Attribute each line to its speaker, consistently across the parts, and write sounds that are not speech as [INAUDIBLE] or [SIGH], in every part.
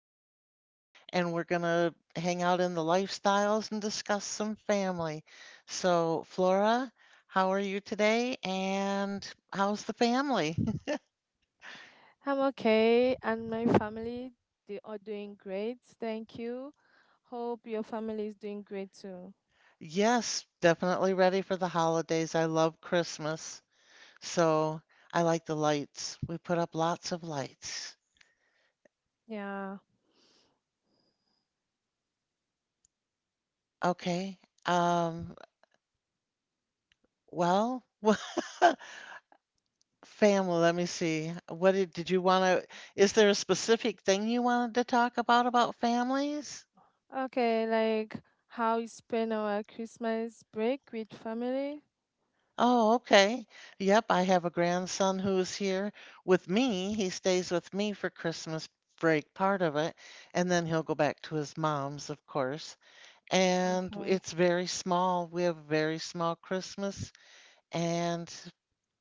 Speaker 1: Flora, and we're going to hang out in the lifestyles and discuss some family. So, Flora, how are you today, and how's the family? [LAUGHS]
Speaker 2: I'm okay, and my family, they are doing great. Thank you. Hope your family is doing great too.
Speaker 1: Yes, definitely ready for the holidays. I love Christmas, so I like the lights. We put up lots of lights.
Speaker 2: Yeah.
Speaker 1: Okay. Um, well, [LAUGHS] Family, let me see. Did you want to, is there a specific thing you wanted to talk about families?
Speaker 2: Okay, like how you spend our Christmas break with family?
Speaker 1: Oh, okay. Yep, I have a grandson who's here with me. He stays with me for Christmas break, part of it, and then he'll go back to his mom's, of course. And
Speaker 2: Okay.
Speaker 1: it's very small. We have a very small Christmas. And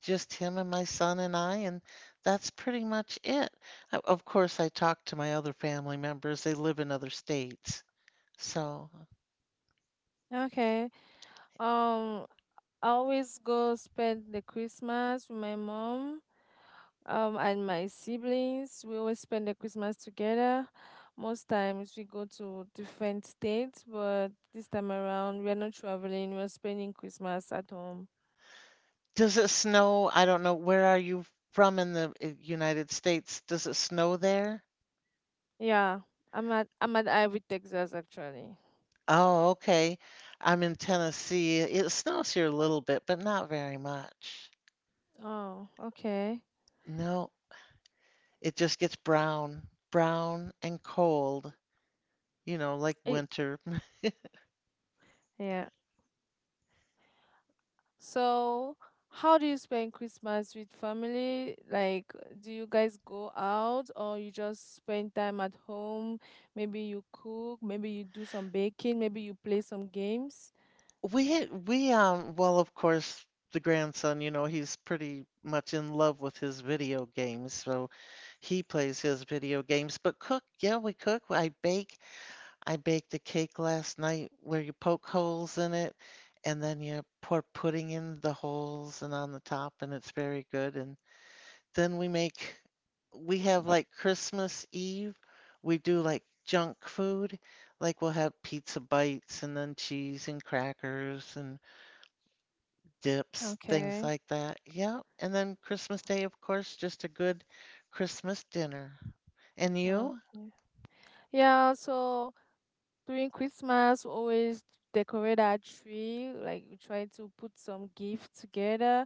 Speaker 1: just him and my son and I, and that's pretty much it. Of course, I talk to my other family members. They live in other states. So,
Speaker 2: Okay. Um, I always go spend the Christmas with my mom. And my siblings, we always spend the Christmas together. Most times we go to different states, but this time around we're not traveling, we're spending Christmas at home.
Speaker 1: does it snow? I don't know. Where are you from in the United States? Does it snow there?
Speaker 2: Yeah, I'm at Ivy, Texas actually.
Speaker 1: Oh, okay. I'm in Tennessee. It snows here a little bit, but not very much.
Speaker 2: Oh, okay.
Speaker 1: No, it just gets brown, brown and cold, you know, like
Speaker 2: It,
Speaker 1: winter.
Speaker 2: yeah. So, how do you spend Christmas with family? Like, do you guys go out or you just spend time at home? Maybe you cook, maybe you do some baking, maybe you play some games?
Speaker 1: We well of course, the grandson, you know, he's pretty much in love with his video games, so he plays his video games. But cook, yeah, we cook. I bake. I baked a cake last night where you poke holes in it and then you pour pudding in the holes and on the top, and it's very good. And then we make we have like Christmas Eve, we do like junk food. Like we'll have pizza bites and then cheese and crackers and dips, things
Speaker 2: Okay.
Speaker 1: like that. Yeah. And then Christmas Day, of course, just a good Christmas dinner. And you?
Speaker 2: Okay. Yeah, so during Christmas, we always decorate our tree. Like we try to put some gift together,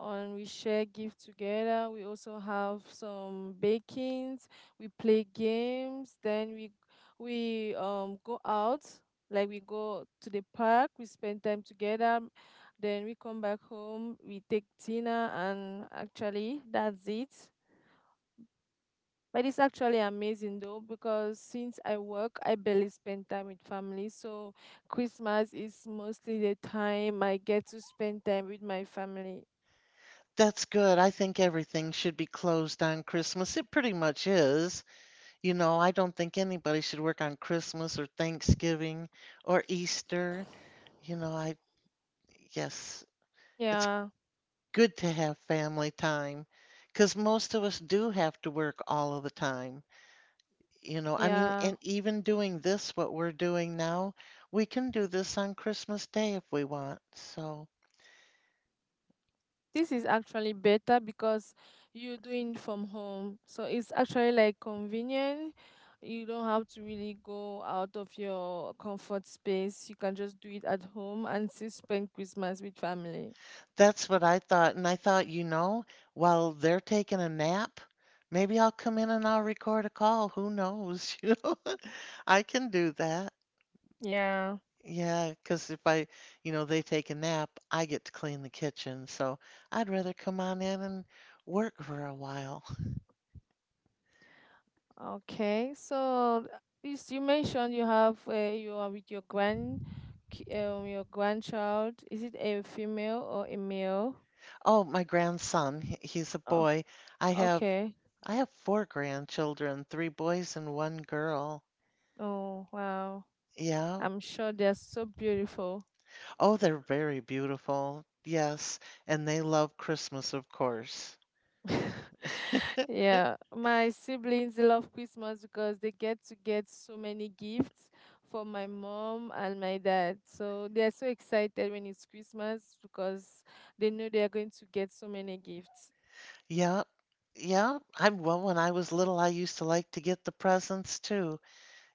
Speaker 2: and we share gift together. We also have some bakings. We play games. Then we go out. Like we go to the park. We spend time together. Then we come back home. We take dinner, and actually, that's it. But it's actually amazing though, because since I work, I barely spend time with family. So Christmas is mostly the time I get to spend time with my family.
Speaker 1: That's good. I think everything should be closed on Christmas. It pretty much is. You know, I don't think anybody should work on Christmas or Thanksgiving or Easter. You know, I, yes, it's
Speaker 2: Yeah,
Speaker 1: good to have family time because most of us do have to work all of the time. You know, I mean,
Speaker 2: yeah.
Speaker 1: and even doing this, what we're doing now, we can do this on Christmas Day if we want. So
Speaker 2: This is actually better because you're doing from home. So it's actually like convenient. You don't have to really go out of your comfort space. You can just do it at home and still spend Christmas with family.
Speaker 1: that's what I thought. And I thought, you know, while they're taking a nap, maybe I'll come in and I'll record a call. Who knows? [LAUGHS] You know, I can do that.
Speaker 2: Yeah.
Speaker 1: Yeah, because if I, you know, they take a nap, I get to clean the kitchen. So I'd rather come on in and work for a while.
Speaker 2: Okay, so you mentioned you have you are with your your grandchild. Is it a female or a male?
Speaker 1: Oh, my grandson, he's a
Speaker 2: Okay.
Speaker 1: boy. I have
Speaker 2: Okay.
Speaker 1: I have four grandchildren, three boys and one girl.
Speaker 2: Oh, wow.
Speaker 1: Yeah.
Speaker 2: I'm sure they're so beautiful.
Speaker 1: Oh, they're very beautiful. Yes, and they love Christmas, of course.
Speaker 2: [LAUGHS] Yeah, my siblings love Christmas because they get to get so many gifts from my mom and my dad. So they're so excited when it's Christmas because they know they're going to get so many gifts.
Speaker 1: Yep. Yep. I, well, when I was little, I used to like to get the presents too.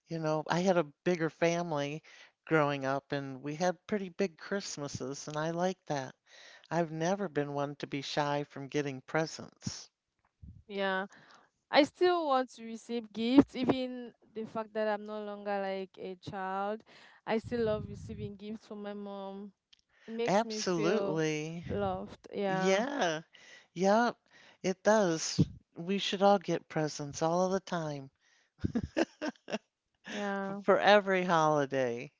Speaker 1: You know, I had a bigger family growing up, and we had pretty big Christmases, and I like that. I've never been one to be shy from getting presents.
Speaker 2: Yeah. I still want to receive gifts, even the fact that I'm no longer like a child. I still love receiving gifts from my mom. It makes me feel
Speaker 1: Absolutely.
Speaker 2: loved. Yeah,
Speaker 1: Yeah. Yep. It does. We should all get presents all of the time
Speaker 2: yeah,
Speaker 1: for every holiday.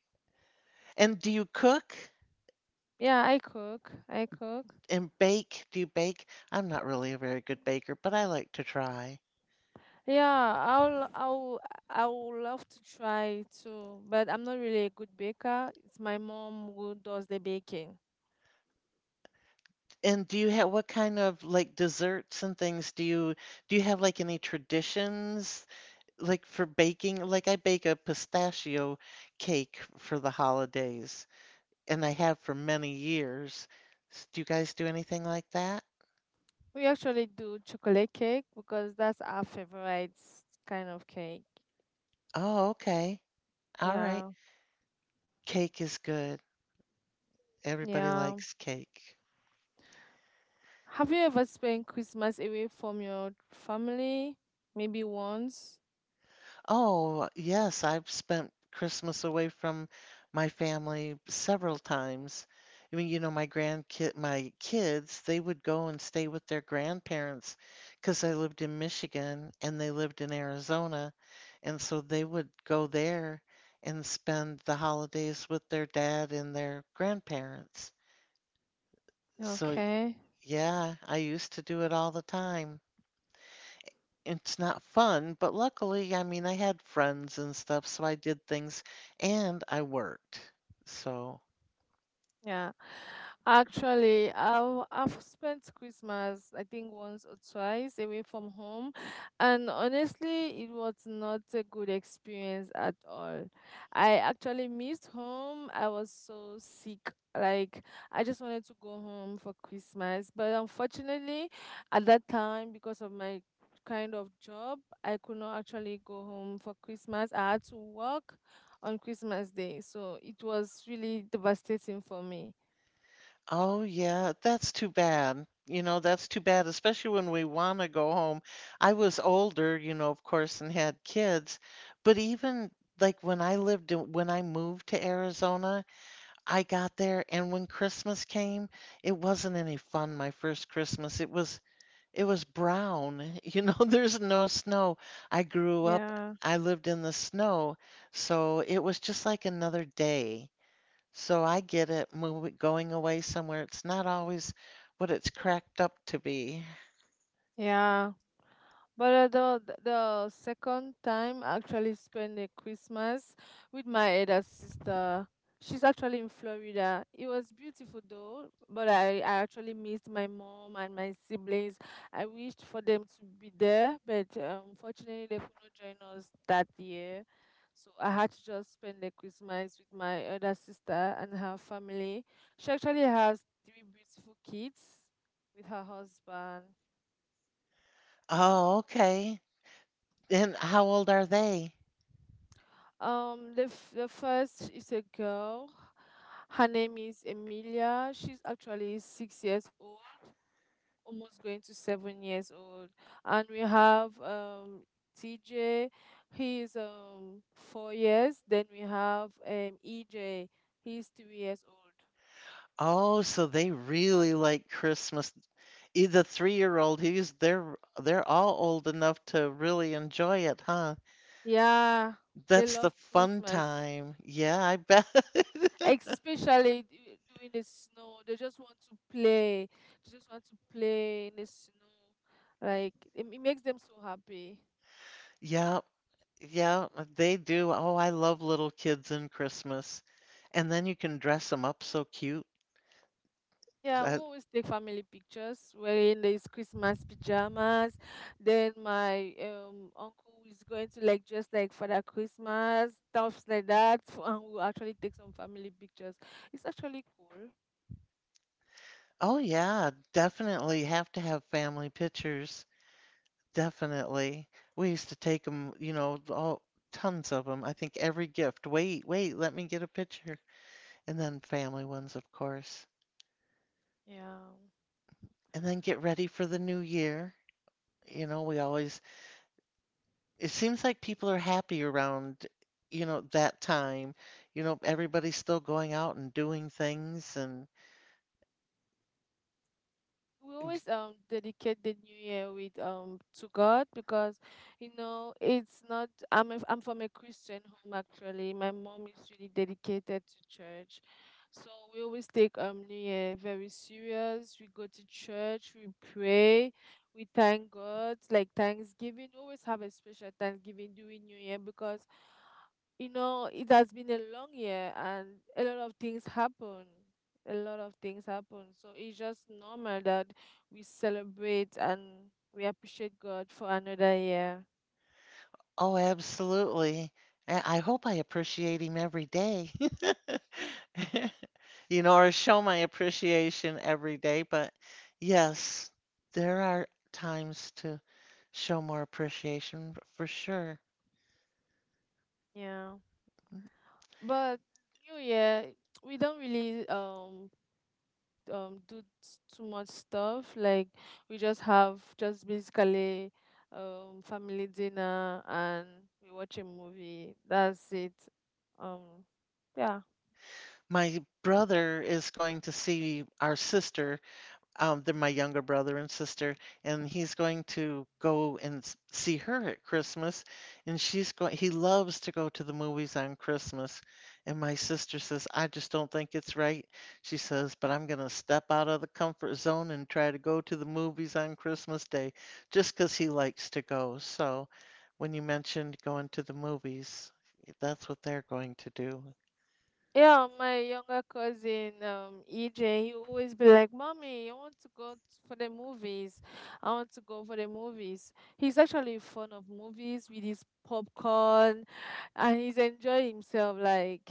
Speaker 1: And do you cook
Speaker 2: yeah. I cook. I cook.
Speaker 1: and bake? Do you bake? I'm not really a very good baker, but I like to try.
Speaker 2: Yeah, I would love to try too, but I'm not really a good baker. It's my mom who does the baking.
Speaker 1: And do you have what kind of like desserts and things do you have like any traditions like for baking? Like I bake a pistachio cake for the holidays, and I have for many years. Do you guys do anything like that?
Speaker 2: We actually do chocolate cake because that's our favorite kind of cake.
Speaker 1: Oh, okay. All right.
Speaker 2: Yeah,
Speaker 1: Cake is good. Everybody
Speaker 2: yeah.
Speaker 1: likes cake.
Speaker 2: Have you ever spent Christmas away from your family? Maybe once.
Speaker 1: Oh, yes, I've spent Christmas away from my family several times. I mean, you know, my grandkid, my kids, they would go and stay with their grandparents because I lived in Michigan and they lived in Arizona, and so they would go there and spend the holidays with their dad and their grandparents. So,
Speaker 2: Okay.
Speaker 1: yeah, I used to do it all the time. It's not fun, but luckily, I mean, I had friends and stuff, so I did things and I worked. So,
Speaker 2: Yeah, actually, I've spent Christmas I think once or twice away from home, and honestly, it was not a good experience at all. I actually missed home. I was so sick. Like I just wanted to go home for Christmas, but unfortunately, at that time, because of my kind of job, I could not actually go home for Christmas. I had to work on Christmas Day. So it was really devastating for me.
Speaker 1: oh yeah, that's too bad. You know, that's too bad, especially when we want to go home. I was older, you know, of course, and had kids, but even when I moved to Arizona, I got there, and when Christmas came, it wasn't any fun my first Christmas. It was brown. [LAUGHS] You know, there's no snow. I grew up,
Speaker 2: Yeah,
Speaker 1: I lived in the snow, so it was just like another day. So I get it, moving, going away somewhere. It's not always what it's cracked up to be.
Speaker 2: yeah. But the second time I actually spent a Christmas with my elder sister. She's actually in Florida. It was beautiful though, but I actually missed my mom and my siblings. I wished for them to be there, but unfortunately they could not join us that year. So I had to just spend the Christmas with my elder sister and her family. She actually has three beautiful kids with her husband.
Speaker 1: Oh, okay. And how old are they?
Speaker 2: The first is a girl. Her name is Emilia. She's actually 6 years old, almost going to 7 years old. And we have TJ. He is 4 years. Then we have EJ. He's 3 years old.
Speaker 1: Oh, so they really like Christmas. The three-year-old, he's they're all old enough to really enjoy it, huh?
Speaker 2: Yeah, they
Speaker 1: That's the
Speaker 2: love
Speaker 1: fun
Speaker 2: Christmas,
Speaker 1: time. Yeah, I bet. [LAUGHS]
Speaker 2: especially during the snow, they just want to play they just want to play in the snow. Like it makes them so happy.
Speaker 1: Yeah, yeah, they do. Oh, I love little kids in Christmas. And then you can dress them up so cute.
Speaker 2: Yeah, we
Speaker 1: Uh,
Speaker 2: always take family pictures wearing these Christmas pajamas. Then my uncle is going to like dress like Father Christmas, stuff like that, and we'll actually take some family pictures. It's actually cool.
Speaker 1: oh, yeah, definitely have to have family pictures. Definitely. We used to take them, you know, all tons of them. I think every gift. Wait, wait, let me get a picture. And then family ones, of course.
Speaker 2: Yeah,
Speaker 1: And then get ready for the new year. You know, we always It seems like people are happy around, you know, that time. You know, everybody's still going out and doing things and
Speaker 2: we always dedicate the New Year with to God because you know it's not I'm a, I'm from a Christian home actually. My mom is really dedicated to church. So we always take New Year very serious. We go to church, we pray, we thank God, like Thanksgiving. We always have a special Thanksgiving during New Year because you know it has been a long year and a lot of things happen a lot of things happen So it's just normal that we celebrate and we appreciate God for another year.
Speaker 1: oh, absolutely. I hope I appreciate him every day. [LAUGHS] You know, or show my appreciation every day, but yes, there are times to show more appreciation for sure.
Speaker 2: Yeah. But New Year, we don't really do too much stuff. Like we just have just basically family dinner and we watch a movie. That's it. Um yeah.
Speaker 1: My brother is going to see our sister. They're my younger brother and sister, and he's going to go and see her at Christmas. And she's going, he loves to go to the movies on Christmas. And my sister says, I just don't think it's right. She says, but I'm going to step out of the comfort zone and try to go to the movies on Christmas Day just 'cause he likes to go. So when you mentioned going to the movies, that's what they're going to do.
Speaker 2: Yeah, my younger cousin, EJ, he always be like, "Mommy, I want to go for the movies. I want to go for the movies." He's actually fond of movies with his popcorn, and he's enjoying himself. Like,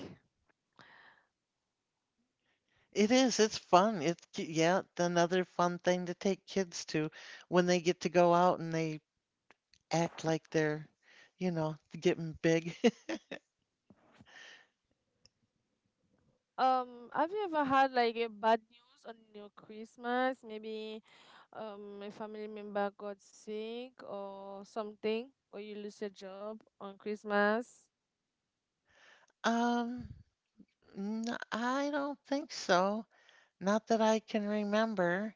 Speaker 1: It is. It's fun. Another fun thing to take kids to when they get to go out and they act like they're, you know, getting big. [LAUGHS]
Speaker 2: have you ever had like a bad news on your Christmas? Maybe, a family member got sick or something, or you lose your job on Christmas.
Speaker 1: Um, I don't think so. Not that I can remember.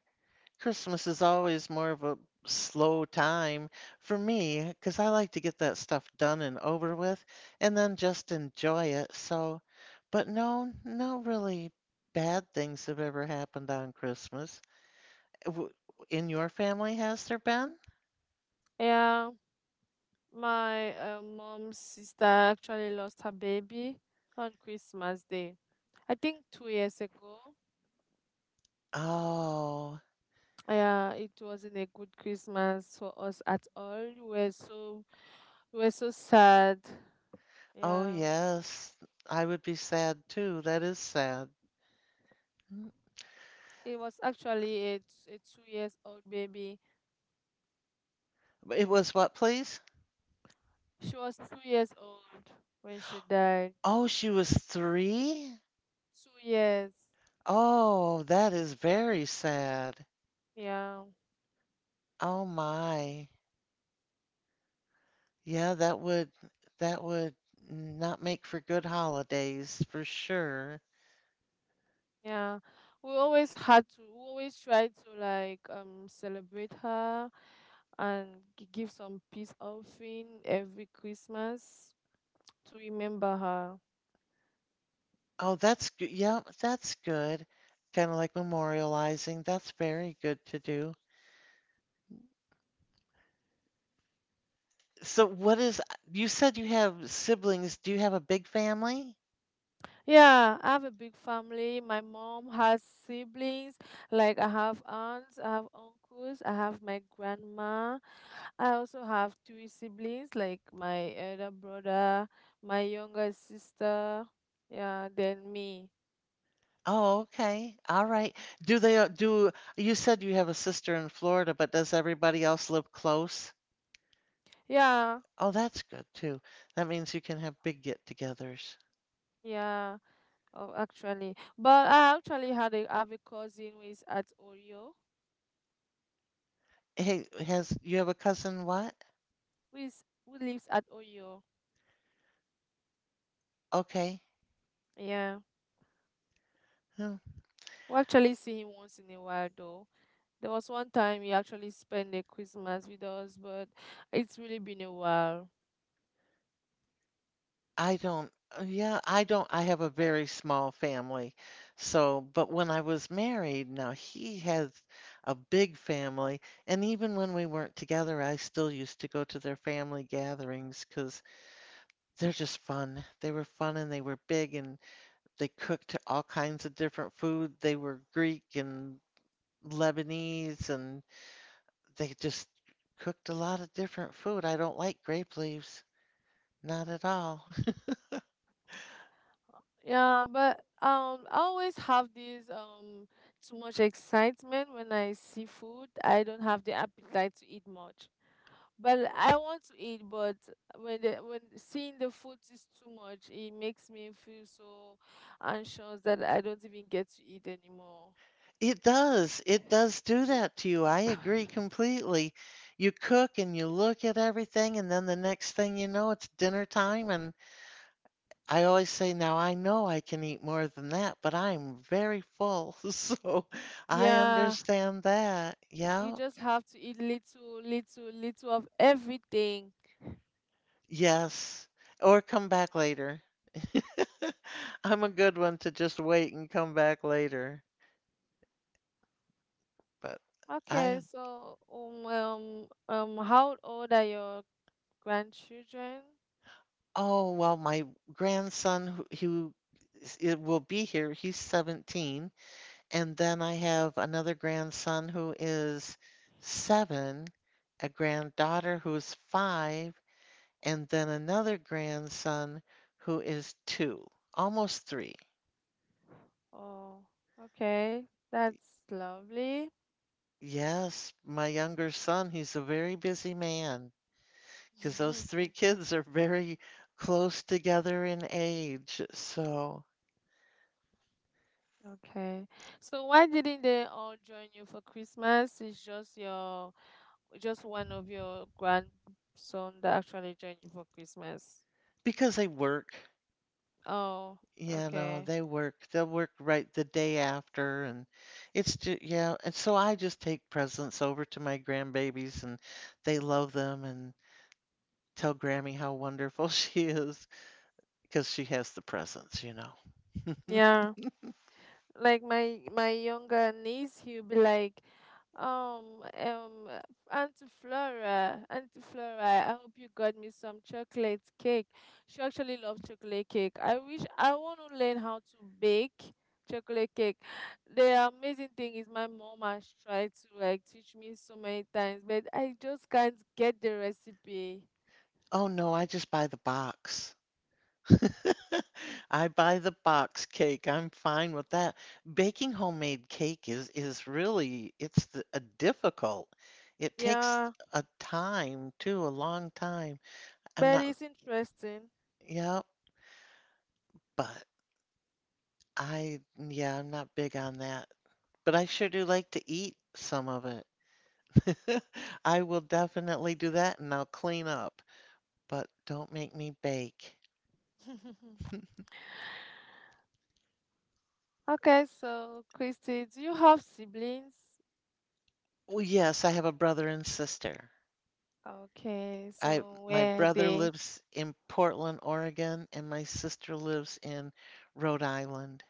Speaker 1: Christmas is always more of a slow time for me because I like to get that stuff done and over with and then just enjoy it. So, but no, no really bad things have ever happened on Christmas. W- In your family, has there been?
Speaker 2: Yeah. My mom's sister actually lost her baby on Christmas Day. I think 2 years ago.
Speaker 1: Oh,
Speaker 2: Yeah, it wasn't a good Christmas for us at all. We were so sad.
Speaker 1: oh
Speaker 2: Yeah,
Speaker 1: yes. I would be sad too. That is sad. Mm.
Speaker 2: it was actually a, a 2 years old baby.
Speaker 1: It was what, please?
Speaker 2: She was 2 years old when she died.
Speaker 1: Oh, she was three?
Speaker 2: 2 years.
Speaker 1: Oh, that is very sad.
Speaker 2: Yeah.
Speaker 1: Oh my. Yeah, that would not make for good holidays for sure.
Speaker 2: Yeah, we always tried to like celebrate her and give some peace offering every Christmas to remember her.
Speaker 1: Oh, that's good. Yeah, that's good. Kind of like memorializing. That's very good to do. So what is You said you have siblings. Do you have a big family?
Speaker 2: Yeah, I have a big family. My mom has siblings. Like I have aunts, I have uncles, I have my grandma. I also have three siblings, like my elder brother, my younger sister, yeah, then me.
Speaker 1: Oh, okay. All right. Do they do you said you have a sister in Florida, but does everybody else live close?
Speaker 2: Yeah,
Speaker 1: Oh, that's good too. That means you can have big get-togethers.
Speaker 2: yeah. Oh, actually, but I actually had a have a cousin who is at Oyo,
Speaker 1: Hey, has you have a cousin what?
Speaker 2: who lives at Oyo.
Speaker 1: Okay.
Speaker 2: Yeah,
Speaker 1: Hmm.
Speaker 2: we actually see him once in a while though. There was one time he actually spent the Christmas with us, but it's really been a while.
Speaker 1: I don't, yeah, I don't, I have a very small family. So, but when I was married, now he has a big family. And even when we weren't together, I still used to go to their family gatherings because they're just fun. They were fun and they were big and they cooked all kinds of different food. They were Greek and Lebanese and they just cooked a lot of different food. I don't like grape leaves, not at all.
Speaker 2: Yeah, but I always have this too much excitement when I see food. I don't have the appetite to eat much. But I want to eat, but when seeing the food is too much, it makes me feel so anxious that I don't even get to eat anymore.
Speaker 1: It does. It does do that to you. I agree completely. You cook and you look at everything, and then the next thing you know, it's dinner time. And I always say, now I know I can eat more than that, but I'm very full. [LAUGHS] So I
Speaker 2: Yeah,
Speaker 1: understand that.
Speaker 2: you
Speaker 1: Yeah.
Speaker 2: just have to eat little, little, little of everything.
Speaker 1: Yes. Or come back later. [LAUGHS] I'm a good one to just wait and come back later. But
Speaker 2: Okay,
Speaker 1: I,
Speaker 2: so how old are your grandchildren?
Speaker 1: oh, well, my grandson who it will be here, he's 17. And then I have another grandson who is seven, a granddaughter who's five, and then another grandson who is two, almost three.
Speaker 2: Oh, okay, that's lovely.
Speaker 1: Yes, my younger son, he's a very busy man because those three [LAUGHS]
Speaker 2: [LAUGHS]
Speaker 1: kids are very close together in age. So,
Speaker 2: Okay, so why didn't they all join you for Christmas? It's just your, just one of your grandson that actually joined you for Christmas.
Speaker 1: because they work,
Speaker 2: Oh,
Speaker 1: yeah, no,
Speaker 2: okay,
Speaker 1: they work. They'll work right the day after, and it's just yeah. And so I just take presents over to my grandbabies, and they love them, and tell Grammy how wonderful [LAUGHS] she is because she has the presents, you know. [LAUGHS]
Speaker 2: yeah. Like my younger niece, he'll be like, um um uh, "Auntie Flora, Auntie Flora, I hope you got me some chocolate cake." She actually loves chocolate cake. I want to learn how to bake chocolate cake. The amazing thing is my mom has tried to like teach me so many times, but I just can't get the recipe.
Speaker 1: Oh no, I just buy the box. [LAUGHS] I buy the box cake. I'm fine with that. Baking homemade cake is really it's the, a difficult. It takes
Speaker 2: Yeah,
Speaker 1: a time too, a long time. I'm
Speaker 2: but
Speaker 1: not.
Speaker 2: it's interesting.
Speaker 1: Yep, but I'm not big on that. But I sure do like to eat some of it. [LAUGHS] I will definitely do that and I'll clean up, but don't make me bake.
Speaker 2: [LAUGHS] Okay, so Christy, do you have siblings?
Speaker 1: Well, yes, I have a brother and sister.
Speaker 2: Okay,
Speaker 1: I
Speaker 2: so
Speaker 1: My
Speaker 2: where
Speaker 1: brother
Speaker 2: they?
Speaker 1: lives in Portland, Oregon, and my sister lives in Rhode Island.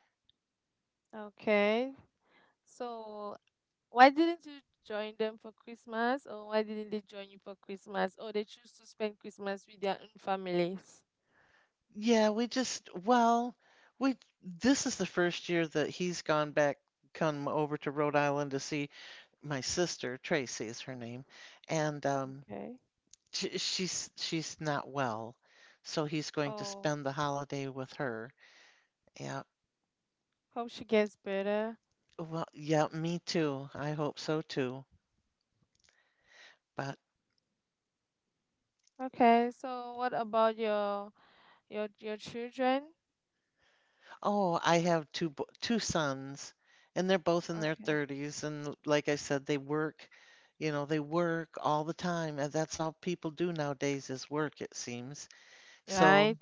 Speaker 2: Okay, so why didn't you join them for Christmas, or why didn't they join you for Christmas, or they choose to spend Christmas with their own families?
Speaker 1: Yeah, we just well, we this is the first year that he's gone back, come over to Rhode Island to see my sister, Tracy is her name, and
Speaker 2: Okay.
Speaker 1: she's not well, so he's going to
Speaker 2: Oh,
Speaker 1: spend the holiday with her. Yeah,
Speaker 2: hope she gets better.
Speaker 1: well, yeah, me too. I hope so too. But
Speaker 2: Okay, so what about your children?
Speaker 1: oh, I have two sons, and they're both in their
Speaker 2: Okay.
Speaker 1: 30s, and like I said, they work. You know, they work all the time, and that's all people do nowadays is work, it seems. So,
Speaker 2: Right?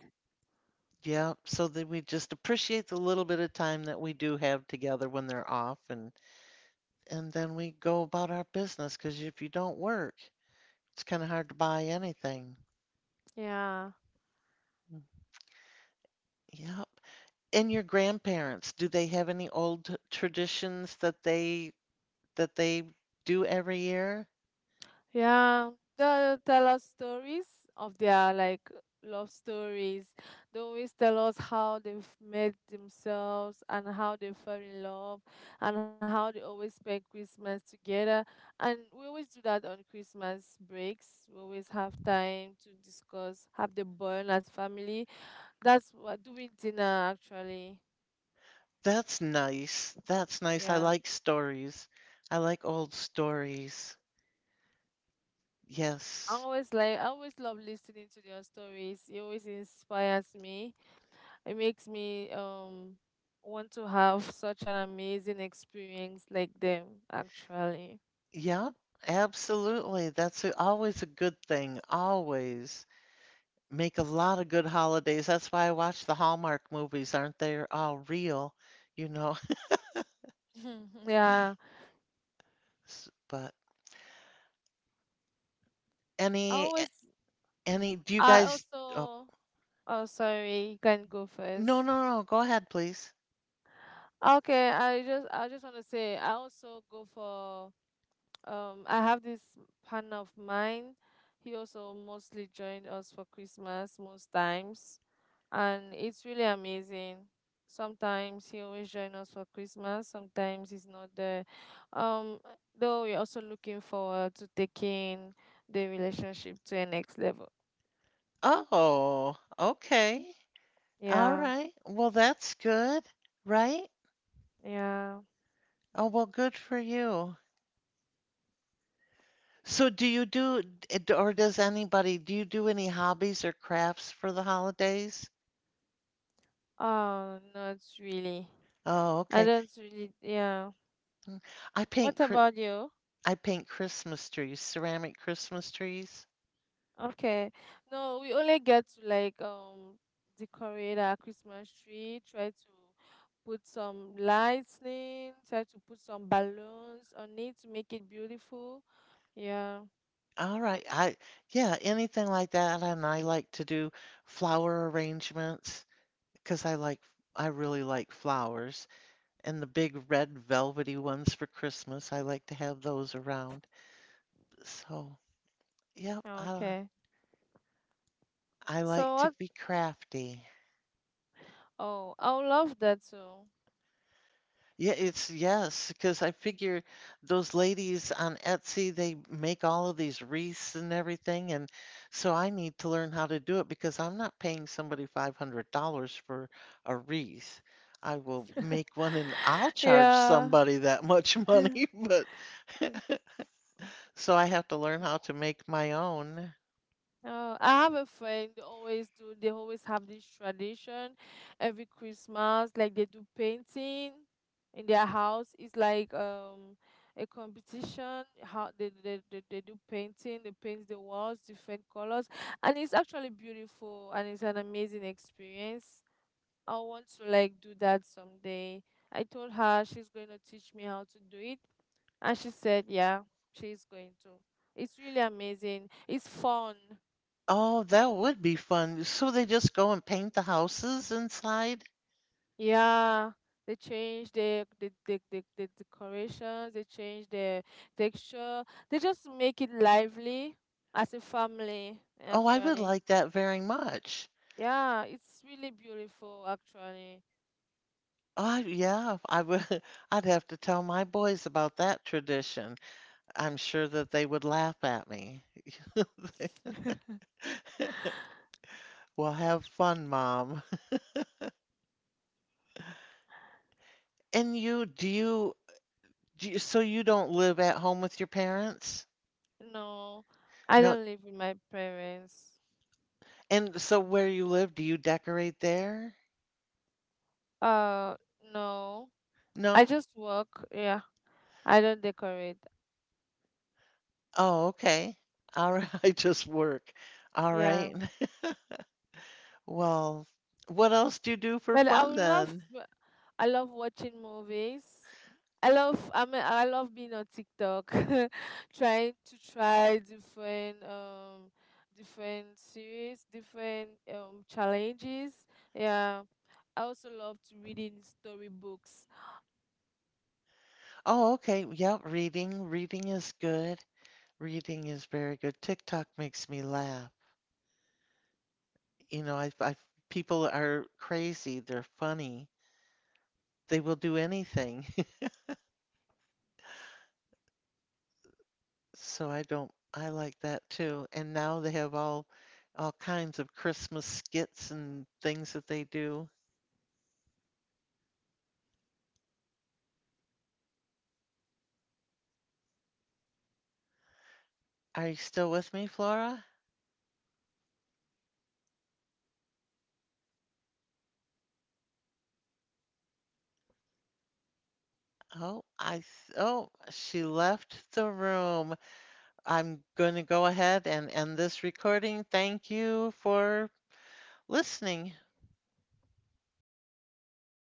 Speaker 1: yeah, so that we just appreciate the little bit of time that we do have together when they're off and then we go about our business because if you don't work, it's kind of hard to buy anything.
Speaker 2: Yeah.
Speaker 1: Yep. And your grandparents, do they have any old traditions that they do every year?
Speaker 2: Yeah, they'll tell us stories of their like love stories. They always tell us how they've met themselves and how they fell in love and how they always spend Christmas together. And we always do that on Christmas breaks. We always have time to discuss, have the bond as family. That's what doing dinner actually.
Speaker 1: That's nice. That's nice. I
Speaker 2: Yeah.
Speaker 1: like stories. I like old stories. Yes.
Speaker 2: I always love listening to their stories. It always inspires me. It makes me want to have such an amazing experience like them actually.
Speaker 1: Yep. Absolutely. That's always a good thing. Always. Make a lot of good holidays. That's why I watch the Hallmark movies, aren't they? They're all real, you know.
Speaker 2: [LAUGHS] Yeah.
Speaker 1: [LAUGHS] S- But
Speaker 2: I
Speaker 1: any
Speaker 2: always
Speaker 1: any do you
Speaker 2: I
Speaker 1: guys oh,
Speaker 2: also oh sorry, you can go
Speaker 1: no,
Speaker 2: first.
Speaker 1: no, no, go ahead, please.
Speaker 2: Okay, I just want to say I also go for I have this partner of mine. He also mostly joined us for Christmas most times, and it's really amazing. Sometimes he always join us for Christmas. Sometimes he's not there. Um, though we're also looking forward to taking the relationship to a next level.
Speaker 1: Oh, okay. All
Speaker 2: Yeah,
Speaker 1: right. Well, that's good, right?
Speaker 2: yeah.
Speaker 1: Oh, well, good for you. So do you do any hobbies or crafts for the holidays?
Speaker 2: Oh, not really.
Speaker 1: Oh,
Speaker 2: I
Speaker 1: okay.
Speaker 2: don't really. Yeah.
Speaker 1: I paint
Speaker 2: What
Speaker 1: cri-
Speaker 2: about you?
Speaker 1: I paint Christmas trees, ceramic Christmas trees.
Speaker 2: Okay. No, we only get to like decorate our Christmas tree, try to put some lightning, try to put some balloons on it to make it beautiful. Yeah.
Speaker 1: All right. Anything like that. And I like to do flower arrangements because I really like flowers. And the big red velvety ones for Christmas, I like to have those around. So, yep, I li-
Speaker 2: Okay.
Speaker 1: I like
Speaker 2: So
Speaker 1: to
Speaker 2: what?
Speaker 1: be crafty.
Speaker 2: Oh, I would love that too.
Speaker 1: Yeah, it's yes, because I figure those ladies on Etsy, they make all of these wreaths and everything. And so I need to learn how to do it because I'm not paying somebody $500 for a wreath. I will make one and I'll
Speaker 2: [LAUGHS]
Speaker 1: charge
Speaker 2: Yeah.
Speaker 1: somebody that much money, [LAUGHS] but [LAUGHS] so I have to learn how to make my own.
Speaker 2: Oh, I have a friend, they always have this tradition every Christmas, like they do painting in their house. It's like a competition how they do painting, they paint the walls different colors and it's actually beautiful and it's an amazing experience. I want to like do that someday. I told her she's going to teach me how to do it, and she said yeah, she's going to. It's really amazing. It's fun.
Speaker 1: Oh, that would be fun. So they just go and paint the houses inside?
Speaker 2: Yeah, they change the decorations, they change the texture. They just make it lively as a family,
Speaker 1: Oh, I would
Speaker 2: actually.
Speaker 1: like that very much.
Speaker 2: Yeah, it's really beautiful, actually.
Speaker 1: Oh, yeah, I would [LAUGHS] I'd have to tell my boys about that tradition. I'm sure that they would laugh at me. [LAUGHS] Well, have fun, Mom. [LAUGHS] And you, so you don't live at home with your parents?
Speaker 2: No, I
Speaker 1: No.
Speaker 2: don't live with my parents.
Speaker 1: And so where you live, do you decorate there?
Speaker 2: Uh, no, I
Speaker 1: No?
Speaker 2: just work. Yeah, I don't decorate.
Speaker 1: Oh, okay. All right, [LAUGHS] I just work. All
Speaker 2: Yeah,
Speaker 1: right. [LAUGHS] Well, what else do you do for
Speaker 2: but I
Speaker 1: fun
Speaker 2: would love,
Speaker 1: then?
Speaker 2: I love watching movies. I mean, I love being on TikTok, [LAUGHS] trying to try different different series, different challenges. Yeah. I also love to reading storybooks. My friends sometimes laugh at
Speaker 1: Oh,
Speaker 2: me
Speaker 1: okay.
Speaker 2: like
Speaker 1: Yep, reading.
Speaker 2: I
Speaker 1: Reading
Speaker 2: still
Speaker 1: is
Speaker 2: read
Speaker 1: good.
Speaker 2: storybooks like I'm a
Speaker 1: Reading is
Speaker 2: child.
Speaker 1: very good. TikTok makes me laugh. You know, I people are crazy. They're funny. They will do anything. [LAUGHS]
Speaker 2: Hi, what the fuck? I
Speaker 1: So
Speaker 2: lost
Speaker 1: I don't.
Speaker 2: it.
Speaker 1: I like that too. And now they have all kinds of Christmas skits and things that they do. Are you still with me, Flora? Oh, oh, she left the room. I'm going to go ahead and end this recording. Thank you for listening.